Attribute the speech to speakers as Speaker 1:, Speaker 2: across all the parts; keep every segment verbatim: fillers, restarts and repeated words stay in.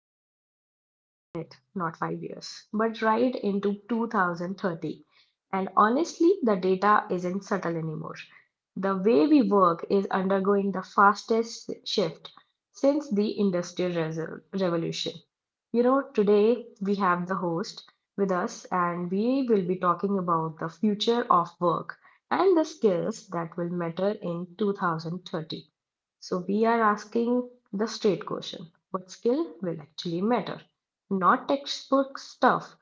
Speaker 1: are uh, looking ahead, not five years, but right into two thousand thirty. And honestly, the data isn't subtle anymore. The way we work is undergoing the fastest shift since the Industrial Reso- Revolution. You know, today we have the host with us, and we will be talking about the future of work and the skills that will matter in two thousand thirty. So we are asking the straight question, what skill will actually matter? Not textbook stuff,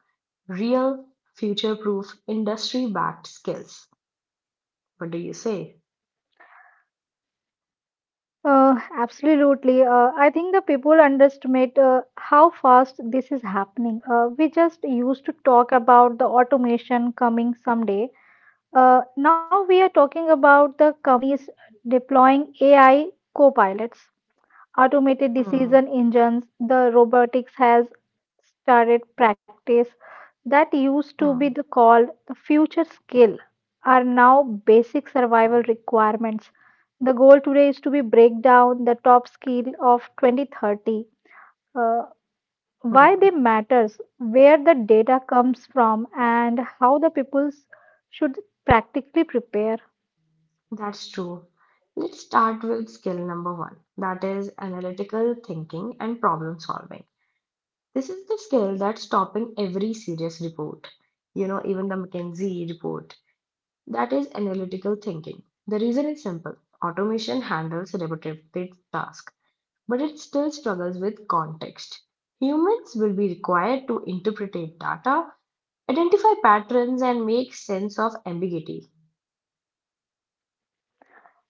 Speaker 1: real, future proof, industry backed skills. What do you say?
Speaker 2: Uh, absolutely. Uh, I think the people underestimate uh, how fast this is happening. Uh, we just used to talk about the automation coming someday. Uh, now we are talking about the companies deploying A I co-pilots, automated
Speaker 1: Hmm,
Speaker 2: decision engines. The robotics has started practice that used to be
Speaker 1: hmm,
Speaker 2: the called the future skill are now basic survival requirements. The goal today is to be break down the top skill of twenty thirty, uh, why
Speaker 1: hmm.
Speaker 2: they matters, where the data comes from, and how the peoples should practically prepare.
Speaker 1: That's true. Let's start with skill number one, that is analytical thinking and problem solving. This is the skill that's topping every serious report. You know, even the McKinsey report. That is analytical thinking. The reason is simple: automation handles repetitive tasks, but it still struggles with context. Humans will be required to interpret data, identify patterns, and make sense of ambiguity.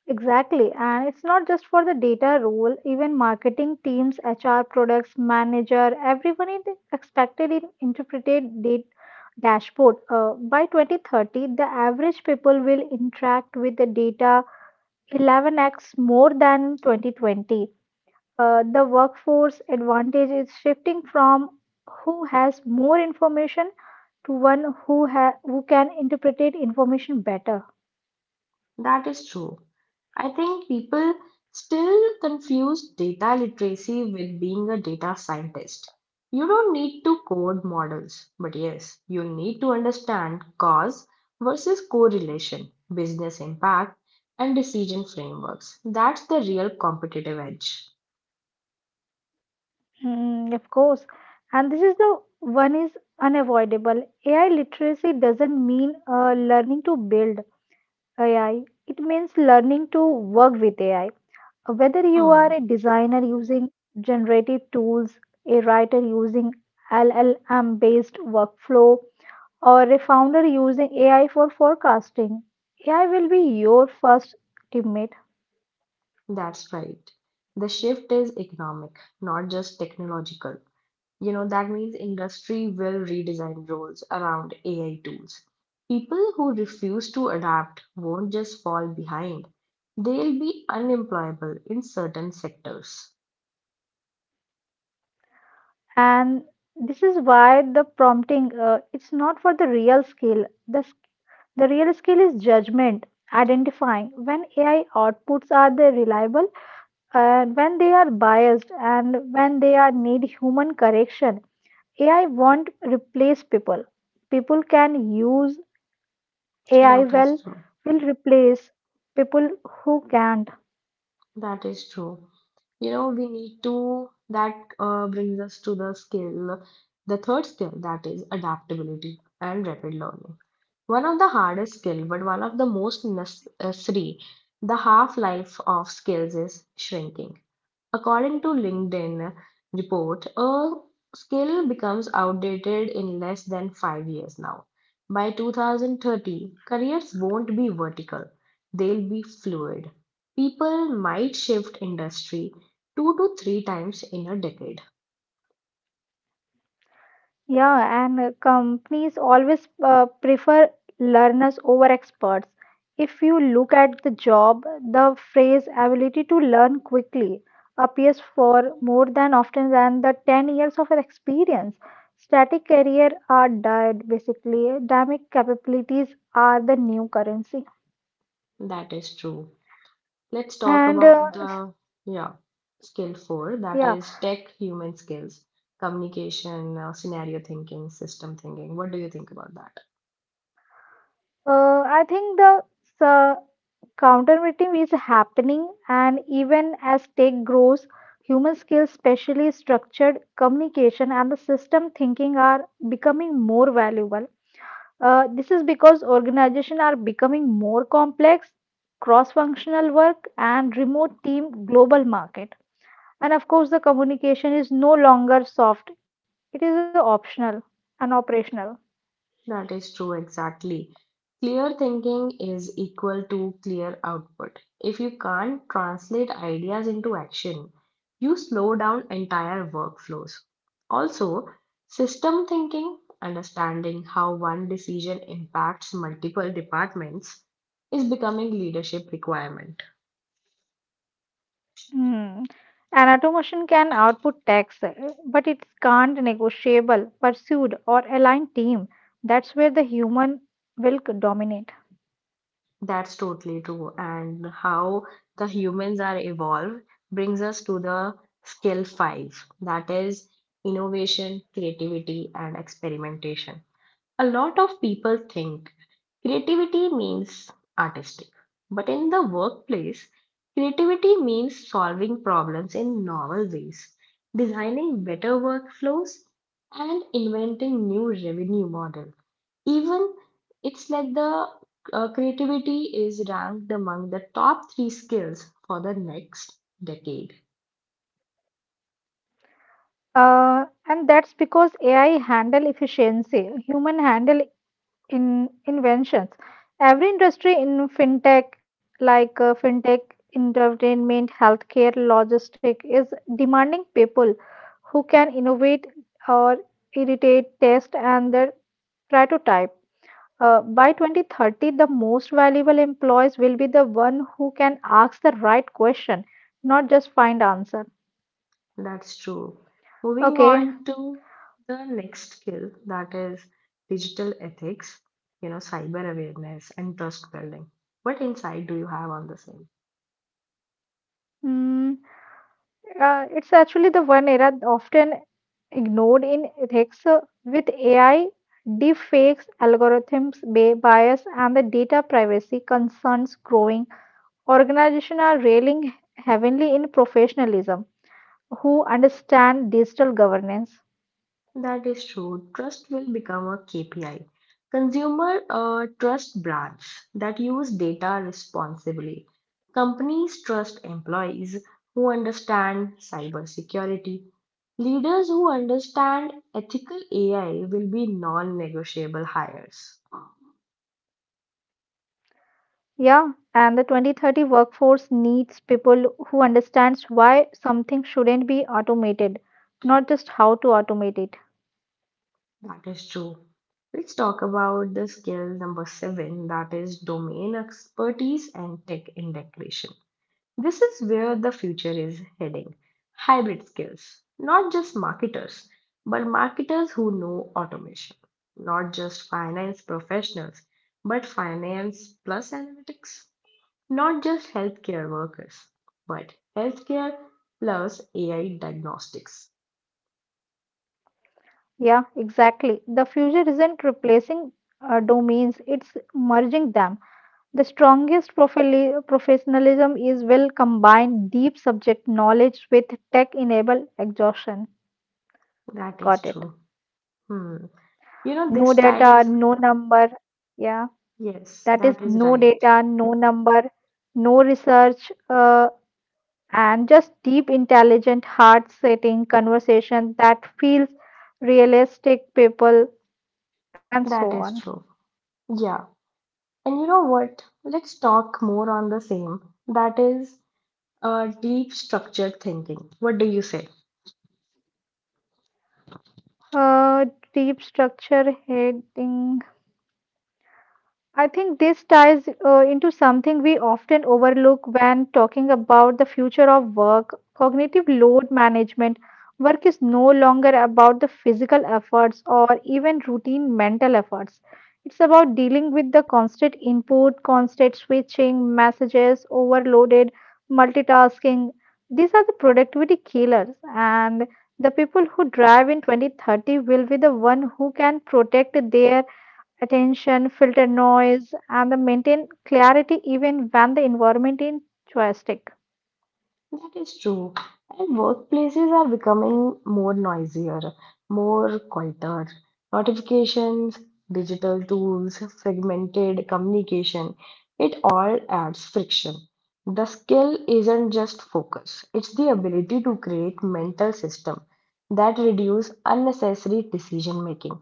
Speaker 2: Exactly. And it's not just for the data role, even marketing teams, H R products, manager, everyone is expected in interpreted data dashboard. Uh, by twenty thirty, the average people will interact with the data eleven times more than twenty twenty. Uh, the workforce advantage is shifting from who has more information to one who, ha- who can interpret information better.
Speaker 1: That is true. I think people still confuse data literacy with being a data scientist. You don't need to code models, but yes, you need to understand cause versus correlation, business impact, and decision frameworks. That's the real competitive edge.
Speaker 2: Mm, of course. And this is the one is unavoidable. A I literacy doesn't mean uh, learning to build A I. It means learning to work with A I. Whether you
Speaker 1: Hmm,
Speaker 2: are a designer using generative tools, a writer using L L M based workflow, or a founder using A I for forecasting, A I will be your first teammate.
Speaker 1: that's right. The shift is economic, not just technological. You know, that means industry will redesign roles around A I tools. People who refuse to adapt won't just fall behind, they'll be unemployable in certain sectors.
Speaker 2: And this is why the prompting uh, it's not for the real skill. The The real skill is judgment, identifying when A I outputs are they reliable, and when they are biased, and when they are need human correction. A I won't replace people. People can use A I
Speaker 1: That
Speaker 2: well
Speaker 1: is true.
Speaker 2: will replace people who can't.
Speaker 1: That is true. You know, we need to, that uh, brings us to the skill, the third skill, that is adaptability and rapid learning. One of the hardest skill, but one of the most necessary, the half life of skills is shrinking. According to LinkedIn report, a skill becomes outdated in less than five years now. By two thousand thirty, careers won't be vertical. They'll be fluid. People might shift industry two to three times in a decade.
Speaker 2: Yeah, and uh, companies always uh, prefer learners over experts. If you look at the job, the phrase ability to learn quickly appears for more than often than the ten years of experience. Static career are dead basically. Dynamic capabilities are the new currency.
Speaker 1: That is true. Let's talk
Speaker 2: And uh,
Speaker 1: about the, yeah, skill four, that
Speaker 2: yeah,
Speaker 1: is tech human skills, communication, uh, scenario thinking, system thinking. What do you think about that?
Speaker 2: uh, I think the uh, Countermeeting is happening, and even as tech grows, human skills, especially structured communication and the system thinking, are becoming more valuable. Uh, this is because organizations are becoming more complex, cross functional work, and remote team global market. And of course, the communication is no longer soft, it is optional and operational.
Speaker 1: That is true, exactly. Clear thinking is equal to clear output. If you can't translate ideas into action, you slow down entire workflows. Also, system thinking, understanding how one decision impacts multiple departments, is becoming leadership requirement.
Speaker 2: Hmm. An automation can output tax, uh, but it can't negotiable, pursued, or align team. That's where the human will c- dominate.
Speaker 1: That's totally true. And how the humans are evolved brings us to the skill five, that is innovation, creativity, and experimentation. A lot of people think creativity means artistic, but in the workplace, creativity means solving problems in novel ways, designing better workflows, and inventing new revenue models. Even it's like the uh, creativity is ranked among the top three skills for the next decade.
Speaker 2: Uh, and that's because A I handle efficiency, human handle in inventions. Every industry in fintech, like uh, fintech, entertainment, healthcare, logistic, is demanding people who can innovate or irritate, test, and then prototype. Uh, by twenty thirty, the most valuable employees will be the one who can ask the right question, not just find answer.
Speaker 1: That's true. Moving
Speaker 2: Okay.
Speaker 1: on to the next skill, that is digital ethics, you know, cyber awareness and trust building. What insight do you have on the same?
Speaker 2: mm, uh, it's actually the one era often ignored in ethics uh, with A I, deepfakes, algorithms, ba- bias, and the data privacy concerns growing. Organizations are railing heavily in professionalism who understand digital governance.
Speaker 1: That is true. Trust will become a K P I. Consumer uh, trust brands that use data responsibly. Companies trust employees who understand cybersecurity. Leaders who understand ethical A I will be non-negotiable hires.
Speaker 2: Yeah, and the twenty thirty workforce needs people who understands why something shouldn't be automated, not just how to automate it.
Speaker 1: That is true. Let's talk about the skill number seven, that is domain expertise and tech integration. This is where the future is heading. Hybrid skills. Not just marketers, but marketers who know automation. Not just finance professionals, but finance plus analytics. Not just healthcare workers, but healthcare plus A I diagnostics.
Speaker 2: Yeah, exactly. The future isn't replacing uh, domains, it's merging them. The strongest profili- professionalism is will combine deep subject knowledge with tech-enabled exhaustion.
Speaker 1: That is
Speaker 2: Got it.
Speaker 1: true. Hmm. You know,
Speaker 2: No
Speaker 1: this
Speaker 2: data,
Speaker 1: ties.
Speaker 2: no number. Yeah,
Speaker 1: Yes,
Speaker 2: that is
Speaker 1: that is
Speaker 2: no
Speaker 1: right.
Speaker 2: data, no number, no research. Uh, and just deep, intelligent, heart setting conversation that feels realistic, people, and so
Speaker 1: That
Speaker 2: on.
Speaker 1: is true. Yeah. And you know what? Let's talk more on the same. That is, Uh, deep structured thinking. What do you say?
Speaker 2: Uh, Deep structure heading, I think this ties uh, into something we often overlook when talking about the future of work cognitive load management. Work is no longer about the physical efforts or even routine mental efforts. It's about dealing with the constant input, constant switching, messages, overloaded, multitasking. These are the productivity killers, and the people who drive in twenty thirty will be the one who can protect their attention, filter noise, and then maintain clarity even when the environment is choistic.
Speaker 1: That is true. And workplaces are becoming more noisier, more quieter. Notifications, digital tools, fragmented communication, it all adds friction. The skill isn't just focus, it's the ability to create mental system that reduce unnecessary decision making.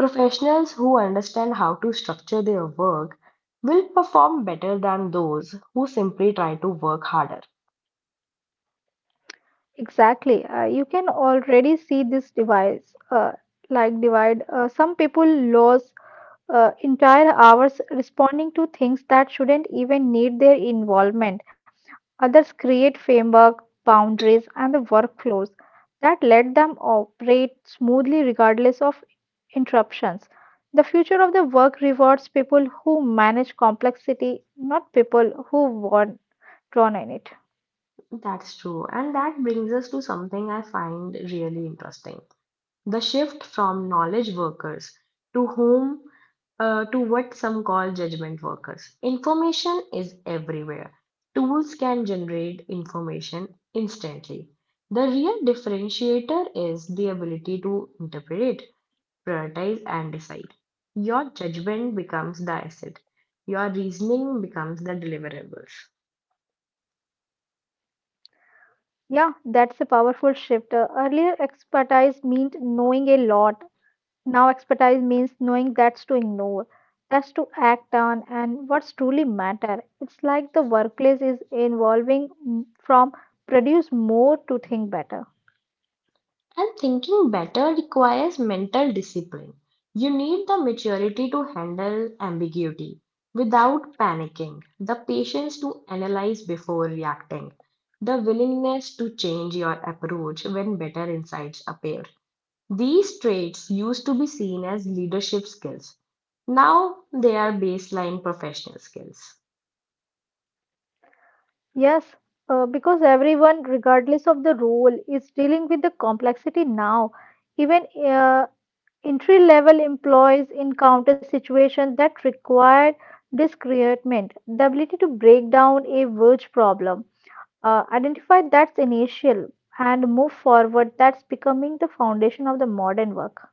Speaker 1: Professionals who understand how to structure their work will perform better than those who simply try to work harder.
Speaker 2: Exactly. Uh, you can already see this device, uh, like divide. Uh, some people lose uh, entire hours responding to things that shouldn't even need their involvement. Others create framework, boundaries, and the workflows that let them operate smoothly regardless of interruptions. The future of the work rewards people who manage complexity, not people who want drawn in it.
Speaker 1: That's true. And that brings us to something I find really interesting. The shift from knowledge workers to whom, uh, to what some call judgment workers. Information is everywhere. Tools can generate information instantly. The real differentiator is the ability to interpret, prioritize, and decide. Your judgment becomes the asset. Your reasoning becomes the deliverables.
Speaker 2: Yeah, that's a powerful shift. Uh, earlier, expertise meant knowing a lot. Now, expertise means knowing that's to ignore, that's to act on, and what's truly matter. It's like the workplace is evolving m- from produce more to think better.
Speaker 1: And thinking better requires mental discipline. You need the maturity to handle ambiguity without panicking, the patience to analyze before reacting, the willingness to change your approach when better insights appear. These traits used to be seen as leadership skills. Now they are baseline professional skills.
Speaker 2: Yes, uh, because everyone, regardless of the role, is dealing with the complexity now. Even uh, entry level employees encounter situations that require discernment, the ability to break down a verge problem. Uh, identify that's initial and move forward. That's becoming the foundation of the modern work.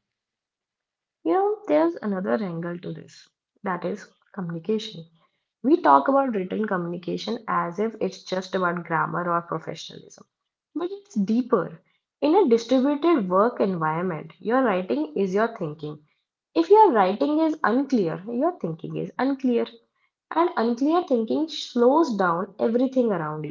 Speaker 1: You know, there's another angle to this, that is communication. We talk about written communication as if it's just about grammar or professionalism, but it's deeper. In a distributed work environment, your writing is your thinking. If your writing is unclear, your thinking is unclear, and unclear thinking slows down everything around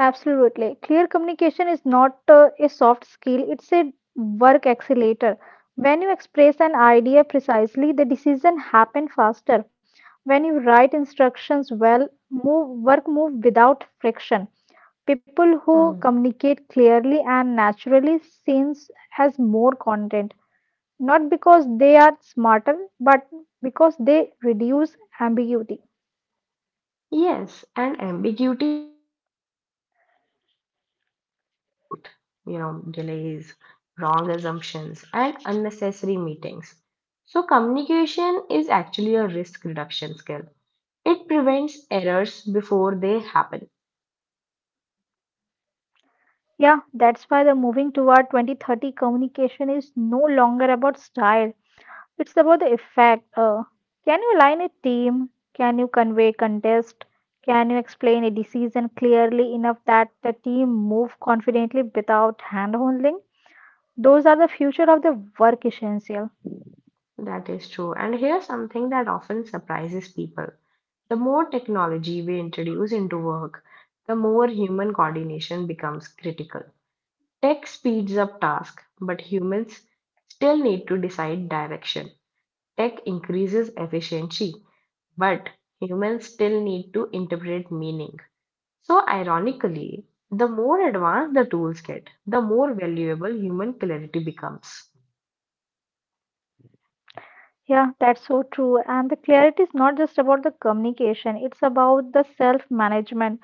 Speaker 2: Absolutely. Clear communication is not uh, a soft skill, it's a work accelerator. When you express an idea precisely, the decision happen faster. When you write instructions well, move work move without friction. People who
Speaker 1: you.
Speaker 2: communicate clearly and naturally seems has more content, not because they are smarter, but because they reduce ambiguity.
Speaker 1: Yes, and ambiguity is expensive. It creates back and forth, you know, delays, wrong assumptions, and unnecessary meetings. So, communication is actually a risk reduction skill. It prevents errors before they happen.
Speaker 2: Yeah, that's why the moving toward twenty thirty communication is no longer about style. It's about the effect. Uh, can you align a team? Can you convey contest? Can you explain a decision clearly enough that the team move confidently without hand holding? Those are the future of the work essential.
Speaker 1: That is true. And here's something that often surprises people. The more technology we introduce into work, the more human coordination becomes critical. Tech speeds up tasks, but humans still need to decide direction. Tech increases efficiency, but humans still need to interpret meaning. So, ironically, the more advanced the tools get, the more valuable human clarity becomes.
Speaker 2: Yeah, that's so true. And the clarity is not just about the communication, it's about the self management.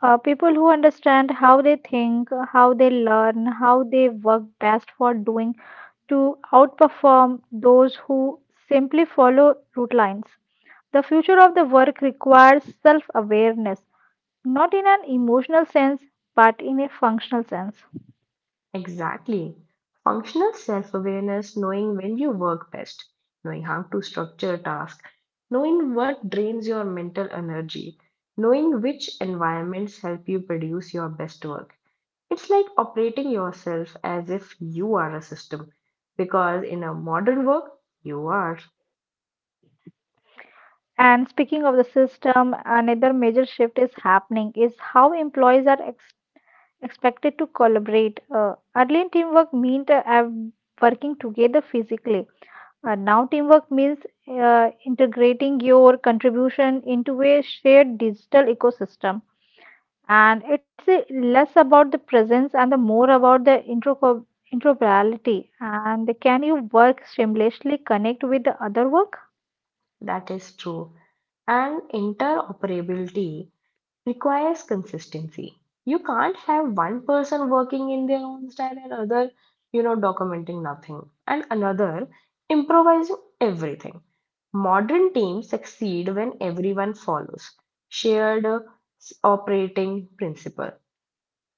Speaker 2: Uh, people who understand how they think, how they learn, how they work best for doing to outperform those who simply follow route lines. The future of the work requires self awareness, not in an emotional sense, but in a functional sense.
Speaker 1: Exactly. Functional self awareness, knowing when you work best, knowing how to structure tasks, knowing what drains your mental energy, knowing which environments help you produce your best work. It's like operating yourself as if you are a system, because in a modern work, you are.
Speaker 2: And speaking of the system, another major shift is happening is how employees are expected to collaborate. Uh, early in teamwork meant uh, uh, working together physically. Uh, now teamwork means uh, integrating your contribution into a shared digital ecosystem. And it's uh, less about the presence and the more about the intro interoperability. And can you work seamlessly connect with the other work?
Speaker 1: That is true. And interoperability requires consistency. You can't have one person working in their own style and other, you know, documenting nothing, and another improvising everything. Modern teams succeed when everyone follows shared uh, s- operating principle,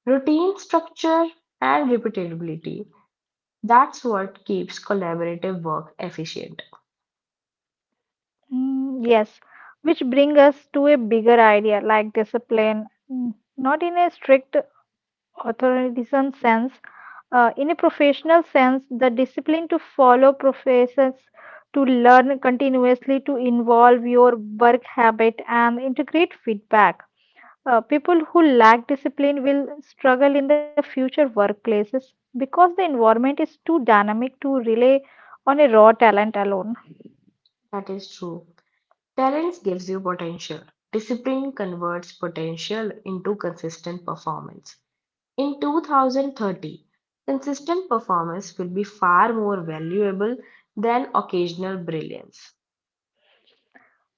Speaker 1: routine structure, and repeatability. That's what keeps collaborative work efficient.
Speaker 2: Mm, yes, which bring us to a bigger idea like discipline. Mm, Not in a strict authoritarian sense. Uh, in a professional sense, the discipline to follow professors, to learn continuously, to involve your work habit and integrate feedback. Uh, people who lack discipline will struggle in the future workplaces because the environment is too dynamic to rely on a raw talent alone.
Speaker 1: That is true. Talents gives you potential. Discipline converts potential into consistent performance. In two thousand thirty, consistent performance will be far more valuable than occasional brilliance.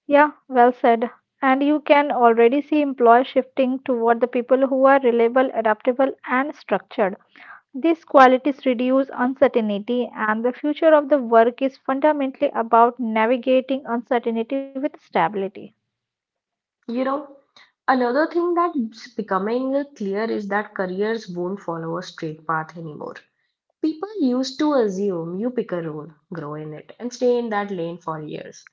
Speaker 2: Yeah, well said. And you can already see employers shifting toward the people who are reliable, adaptable, and structured. These qualities reduce uncertainty, and the future of the work is fundamentally about navigating uncertainty with stability.
Speaker 1: You know, another thing that's becoming clear is that careers won't follow a straight path anymore. People used to assume you pick a role, grow in it, and stay in that lane for years.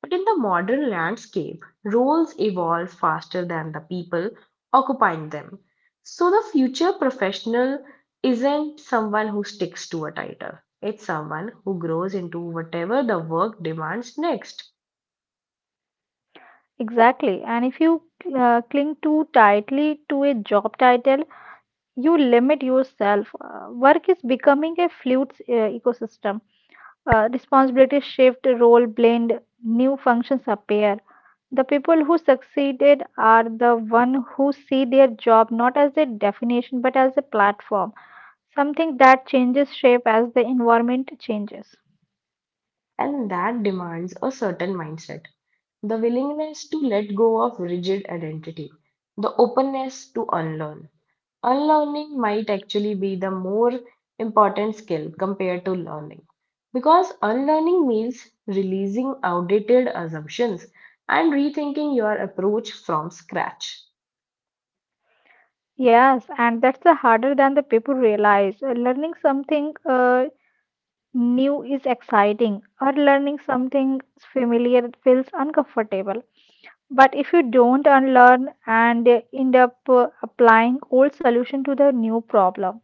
Speaker 1: But in the modern landscape, roles evolve faster than the people occupying them. So the future professional isn't someone who sticks to a title, it's someone who grows into whatever the work demands next.
Speaker 2: Exactly. And if you uh, cling too tightly to a job title, you limit yourself. Uh, work is becoming a fluid uh, ecosystem. Uh, responsibilities shift, role blend, new functions appear. The people who succeeded are the one who see their job not as a definition but as a platform, something that changes shape as the environment changes.
Speaker 1: And that demands a certain mindset, the willingness to let go of rigid identity, the openness to unlearn. Unlearning might actually be the more important skill compared to learning, because unlearning means releasing outdated assumptions and rethinking your approach from scratch.
Speaker 2: Yes, and that's the harder than the people realize. Uh, Learning something uh, new is exciting, or learning something familiar feels uncomfortable. But if you don't unlearn, and uh, end up uh, applying old solution to the new problem,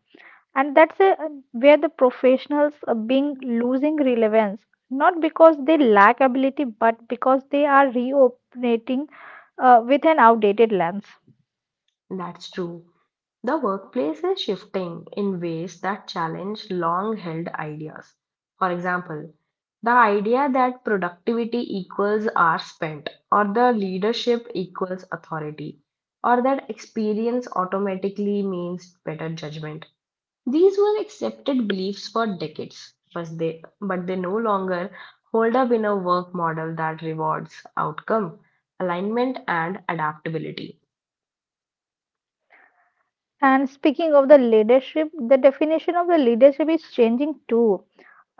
Speaker 2: and that's a, where the professionals are being losing relevance, not because they lack ability but because they are reoperating uh, with an outdated lens.
Speaker 1: That's true. The workplace is shifting in ways that challenge long held ideas. For example, the idea that productivity equals hours spent, or the leadership equals authority, or that experience automatically means better judgment. These were accepted beliefs for decades, but they, but they no longer hold up in a work model that rewards outcome, alignment, and adaptability.
Speaker 2: And speaking of the leadership, the definition of the leadership is changing too.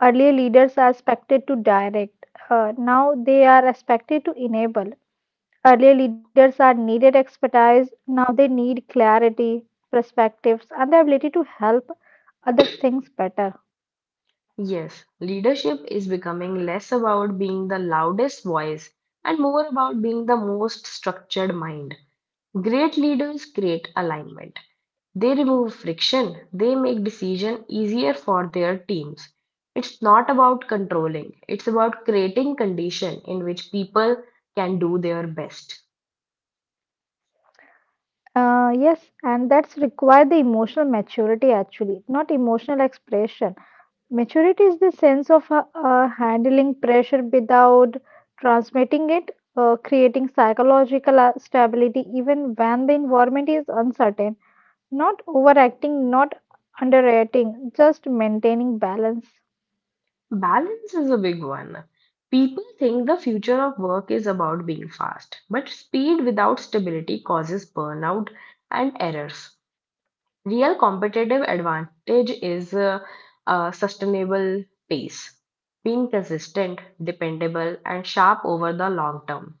Speaker 2: Earlier leaders are expected to direct, uh, now they are expected to enable. Earlier leaders are needed expertise, now they need clarity, perspectives, and the ability to help others things better.
Speaker 1: Yes, leadership is becoming less about being the loudest voice and more about being the most structured mind. Great leaders create alignment. They remove friction, they make decision easier for their teams. It's not about controlling, it's about creating condition in which people can do their best.
Speaker 2: Uh, yes, and that's required the emotional maturity actually, not emotional expression. Maturity is the sense of uh, uh, handling pressure without transmitting it, uh, creating psychological uh, stability even when the environment is uncertain, not overacting, not underrating, just maintaining balance.
Speaker 1: Balance is a big one. People think the future of work is about being fast, but speed without stability causes burnout and errors. Real competitive advantage is uh, a sustainable pace, being consistent, dependable, and sharp over the long term.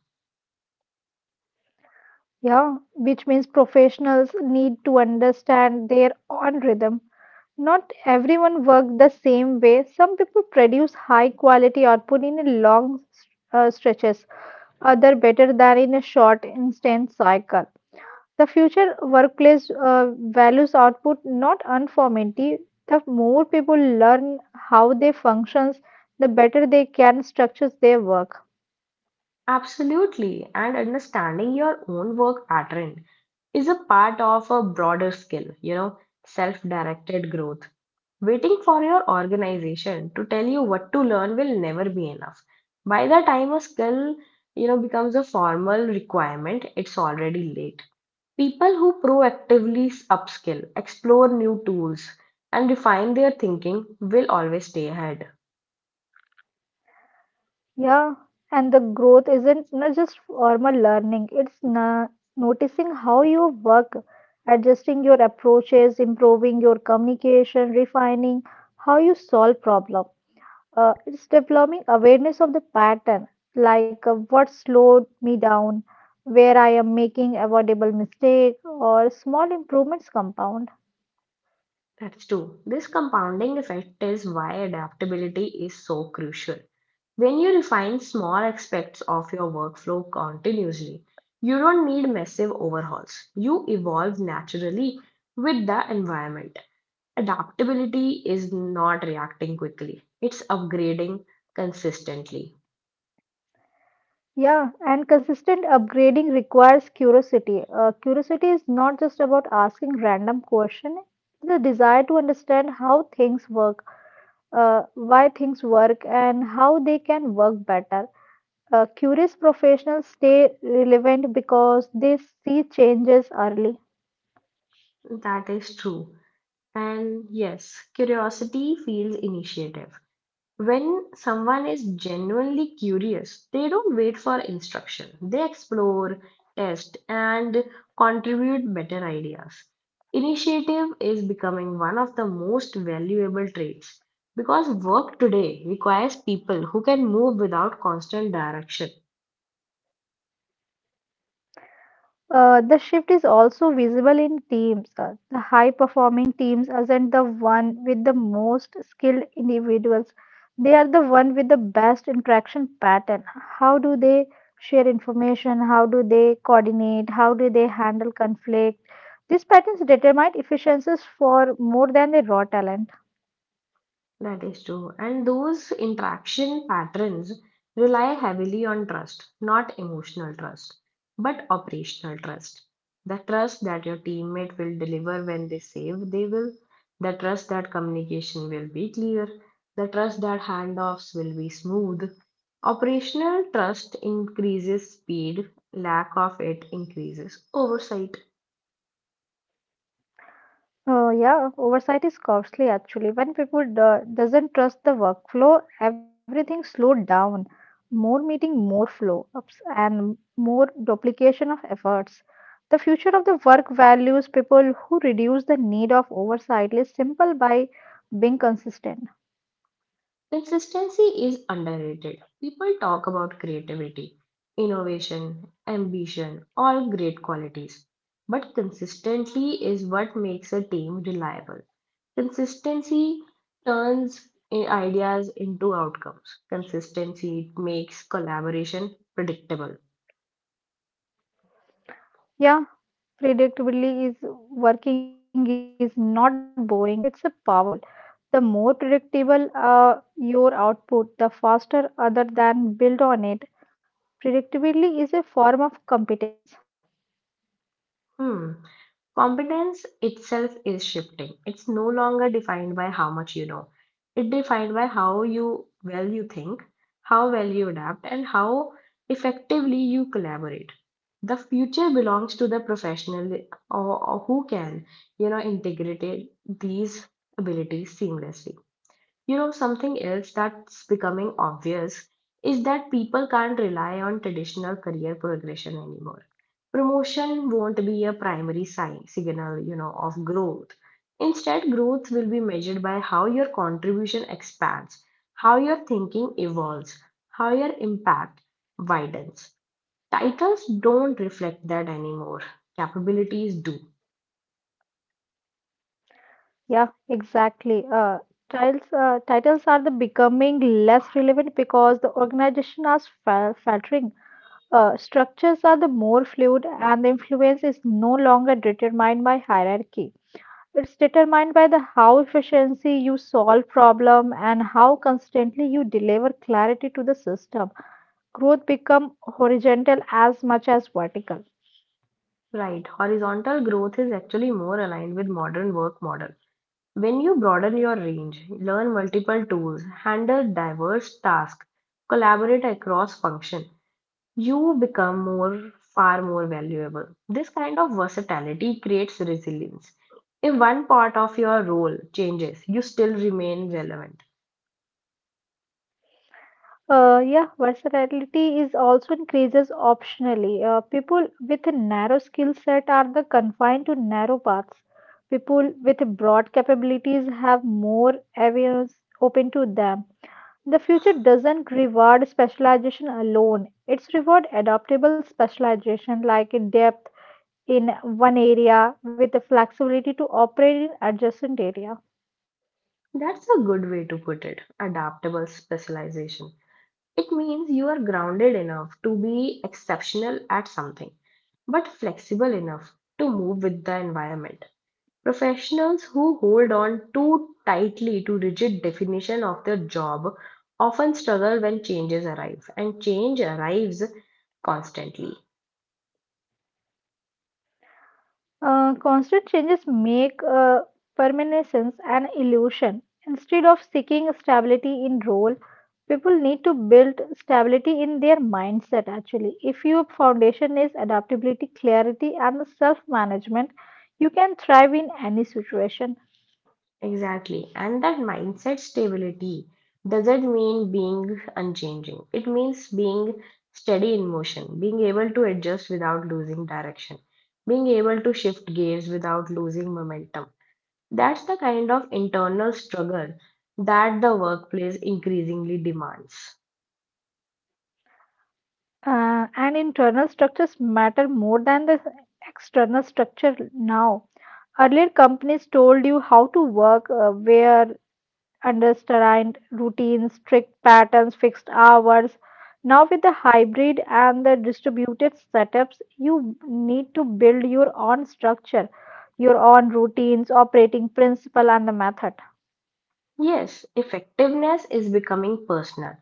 Speaker 2: Yeah, which means professionals need to understand their own rhythm. Not everyone works the same way. Some people produce high quality output in a long uh, stretches, other better than in a short instant cycle. The future workplace uh, values output not uniformity. The more people learn how they functions, the better they can structure their work.
Speaker 1: Absolutely. And understanding your own work pattern is a part of a broader skill, you know, self directed growth. Waiting for your organization to tell you what to learn will never be enough. By the time a skill, you know, becomes a formal requirement, it's already late. People who proactively upskill, explore new tools, and refine their thinking will always stay ahead.
Speaker 2: Yeah, and the growth isn't not just formal learning, it's na noticing how you work, adjusting your approaches, improving your communication, refining how you solve problem. Uh, it's developing awareness of the pattern, like uh, what slowed me down, where I am making avoidable mistake, or small improvements compound.
Speaker 1: That's true. This compounding effect is why adaptability is so crucial. When you refine small aspects of your workflow continuously, you don't need massive overhauls. You evolve naturally with the environment. Adaptability is not reacting quickly, it's upgrading consistently.
Speaker 2: Yeah, and consistent upgrading requires curiosity. Uh, curiosity is not just about asking random questions, it's a desire to understand how things work, uh, why things work, and how they can work better. Uh, curious professionals stay relevant because they see changes early.
Speaker 1: That is true. And yes, curiosity feels initiative. When someone is genuinely curious, they don't wait for instruction. They explore, test, and contribute better ideas. Initiative is becoming one of the most valuable traits because work today requires people who can move without constant direction.
Speaker 2: Uh, the shift is also visible in teams. Uh, The high performing teams aren't the one with the most skilled individuals. They are the one with the best interaction pattern. How do they share information? How do they coordinate? How do they handle conflict? These patterns determine efficiencies for more than the raw talent.
Speaker 1: That is true. And those interaction patterns rely heavily on trust, not emotional trust, but operational trust. The trust that your teammate will deliver when they say they will, the trust that communication will be clear, the trust that handoffs will be smooth. Operational trust increases speed, lack of it increases oversight.
Speaker 2: Uh, yeah, oversight is costly actually. When people do- doesn't trust the workflow, everything slowed down. More meeting, more flow ups, and more duplication of efforts. The future of the work values people who reduce the need of oversight is simple by being consistent.
Speaker 1: Consistency is underrated. People talk about creativity, innovation, ambition, all great qualities. But consistency is what makes a team reliable. Consistency turns i- ideas into outcomes. Consistency makes collaboration predictable.
Speaker 2: Yeah, predictably is working is not boring. It's a powerful. The more predictable uh, your output, the faster other than build on it. Predictability is a form of competence.
Speaker 1: Hmm. Competence itself is shifting. It's no longer defined by how much you know. It's defined by how you well you think, how well you adapt, and how effectively you collaborate. The future belongs to the professional or, or who can, you know, integrate these abilities seamlessly. You know, something else that's becoming obvious is that people can't rely on traditional career progression anymore. Promotion won't be a primary sign, signal, you know, of growth. Instead, growth will be measured by how your contribution expands, how your thinking evolves, how your impact widens. Titles don't reflect that anymore. Capabilities do.
Speaker 2: Yeah, exactly. Uh, titles, uh, titles are the becoming less relevant because the organization are fa- faltering. Uh, structures are the more fluid, and the influence is no longer determined by hierarchy. It's determined by the how efficiently you solve problem and how constantly you deliver clarity to the system. Growth become horizontal as much as vertical.
Speaker 1: Right. Horizontal growth is actually more aligned with modern work model. When you broaden your range, learn multiple tools, handle diverse tasks, collaborate across function, you become more far more valuable. This kind of versatility creates resilience. If one part of your role changes, you still remain relevant.
Speaker 2: Uh, yeah, versatility is also increases optionally. Uh, people with a narrow skill set are the confined to narrow paths. People with broad capabilities have more avenues open to them. The future doesn't reward specialization alone. It's reward adaptable specialization like in depth in one area with the flexibility to operate in adjacent area.
Speaker 1: That's a good way to put it. Adaptable specialization. It means you are grounded enough to be exceptional at something, but flexible enough to move with the environment. Professionals who hold on too tightly to rigid definition of their job often struggle when changes arrive and change arrives constantly.
Speaker 2: Uh, constant changes make uh, permanence an illusion. Instead of seeking stability in role, people need to build stability in their mindset actually. If your foundation is adaptability, clarity, and self management, you can thrive in any situation.
Speaker 1: Exactly. And that mindset stability doesn't mean being unchanging. It means being steady in motion, being able to adjust without losing direction, being able to shift gears without losing momentum. That's the kind of internal struggle that the workplace increasingly demands.
Speaker 2: Uh, and internal structures matter more than the external structure now. Earlier, companies told you how to work, uh, where understand routines, strict patterns, fixed hours. Now, with the hybrid and the distributed setups, you need to build your own structure, your own routines, operating principle, and the method.
Speaker 1: Yes, effectiveness is becoming personal.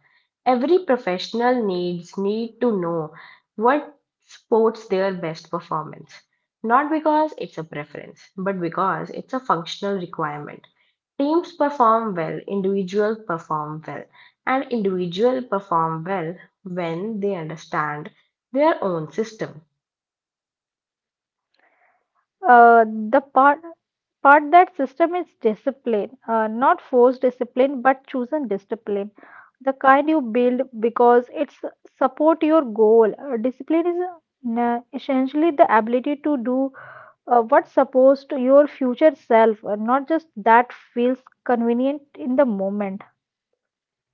Speaker 1: Every professional needs need to know what supports their best performance. Not because it's a preference, but because it's a functional requirement. Teams perform well, individuals perform well, and individuals perform well when they understand their own system.
Speaker 2: Uh, the part part that system is discipline, uh, not forced discipline, but chosen discipline. The kind you build because it's support your goal. Uh, discipline is uh, na- essentially the ability to do uh, what's supposed to your future self, uh, not just that feels convenient in the moment.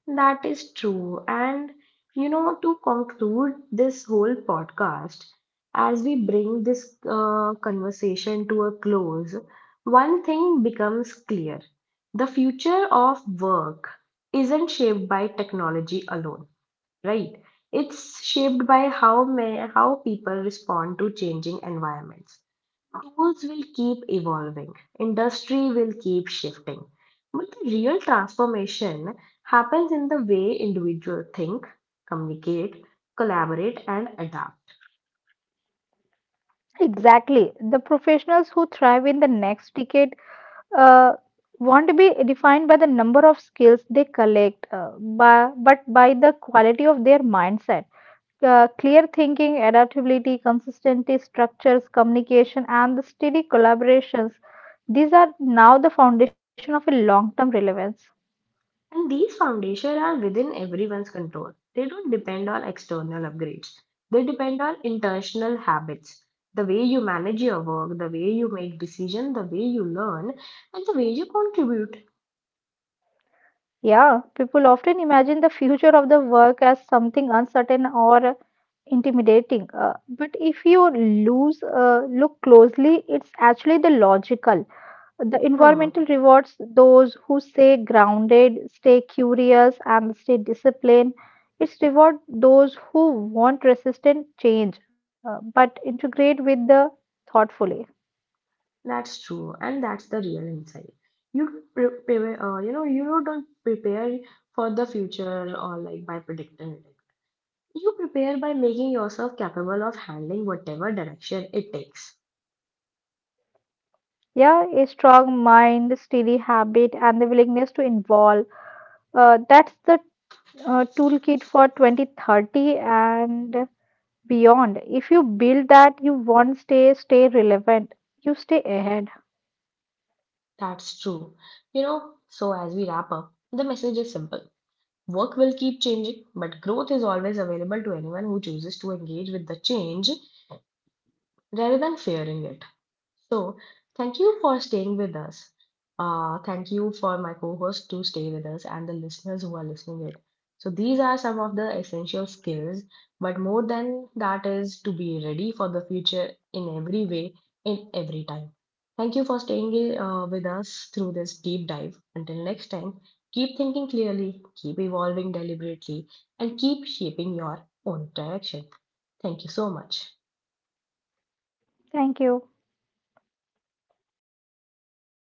Speaker 1: That is true. And, you know, to conclude this whole podcast, as we bring this uh, conversation to a close, one thing becomes clear. The future of work isn't shaped by technology alone, right? It's shaped by how may, how people respond to changing environments. Tools will keep evolving, industry will keep shifting. But the real transformation happens in the way individuals think, communicate, collaborate, and adapt.
Speaker 2: Exactly. The professionals who thrive in the next decade uh, want to be defined by the number of skills they collect, uh, by, but by the quality of their mindset. Uh, clear thinking, adaptability, consistency, structures, communication, and the steady collaborations. These are now the foundation of a long term relevance.
Speaker 1: And these foundations are within everyone's control. They don't depend on external upgrades, they depend on intentional habits. The way you manage your work, the way you make decisions, the way you learn, and the way you contribute.
Speaker 2: Yeah, people often imagine the future of the work as something uncertain or intimidating. Uh, but if you lose, uh, look closely, it's actually the logical. The
Speaker 1: Hmm.
Speaker 2: environmental rewards those who stay grounded, stay curious, and stay disciplined. It's reward those who want resistant change, uh, but integrate with the thoughtfully.
Speaker 1: That's true, and that's the real insight. You don't pre- pre- uh, you know you don't prepare for the future or like by predicting it. You prepare by making yourself capable of handling whatever direction it takes.
Speaker 2: Yeah, a strong mind, steady habit, and the willingness to involve uh, that's the uh, toolkit for twenty thirty and beyond. If you build that, you won't stay stay relevant. You stay ahead.
Speaker 1: That's true. You know, so as we wrap up, the message is simple. Work will keep changing, but growth is always available to anyone who chooses to engage with the change rather than fearing it. So, thank you for staying with us. Uh, thank you for my co-host to stay with us and the listeners who are listening it. So these are some of the essential skills, but more than that is to be ready for the future in every way, in every time. Thank you for staying uh, with us through this deep dive. Until next time, keep thinking clearly, keep evolving deliberately, and keep shaping your own direction. Thank you so much.
Speaker 2: Thank you.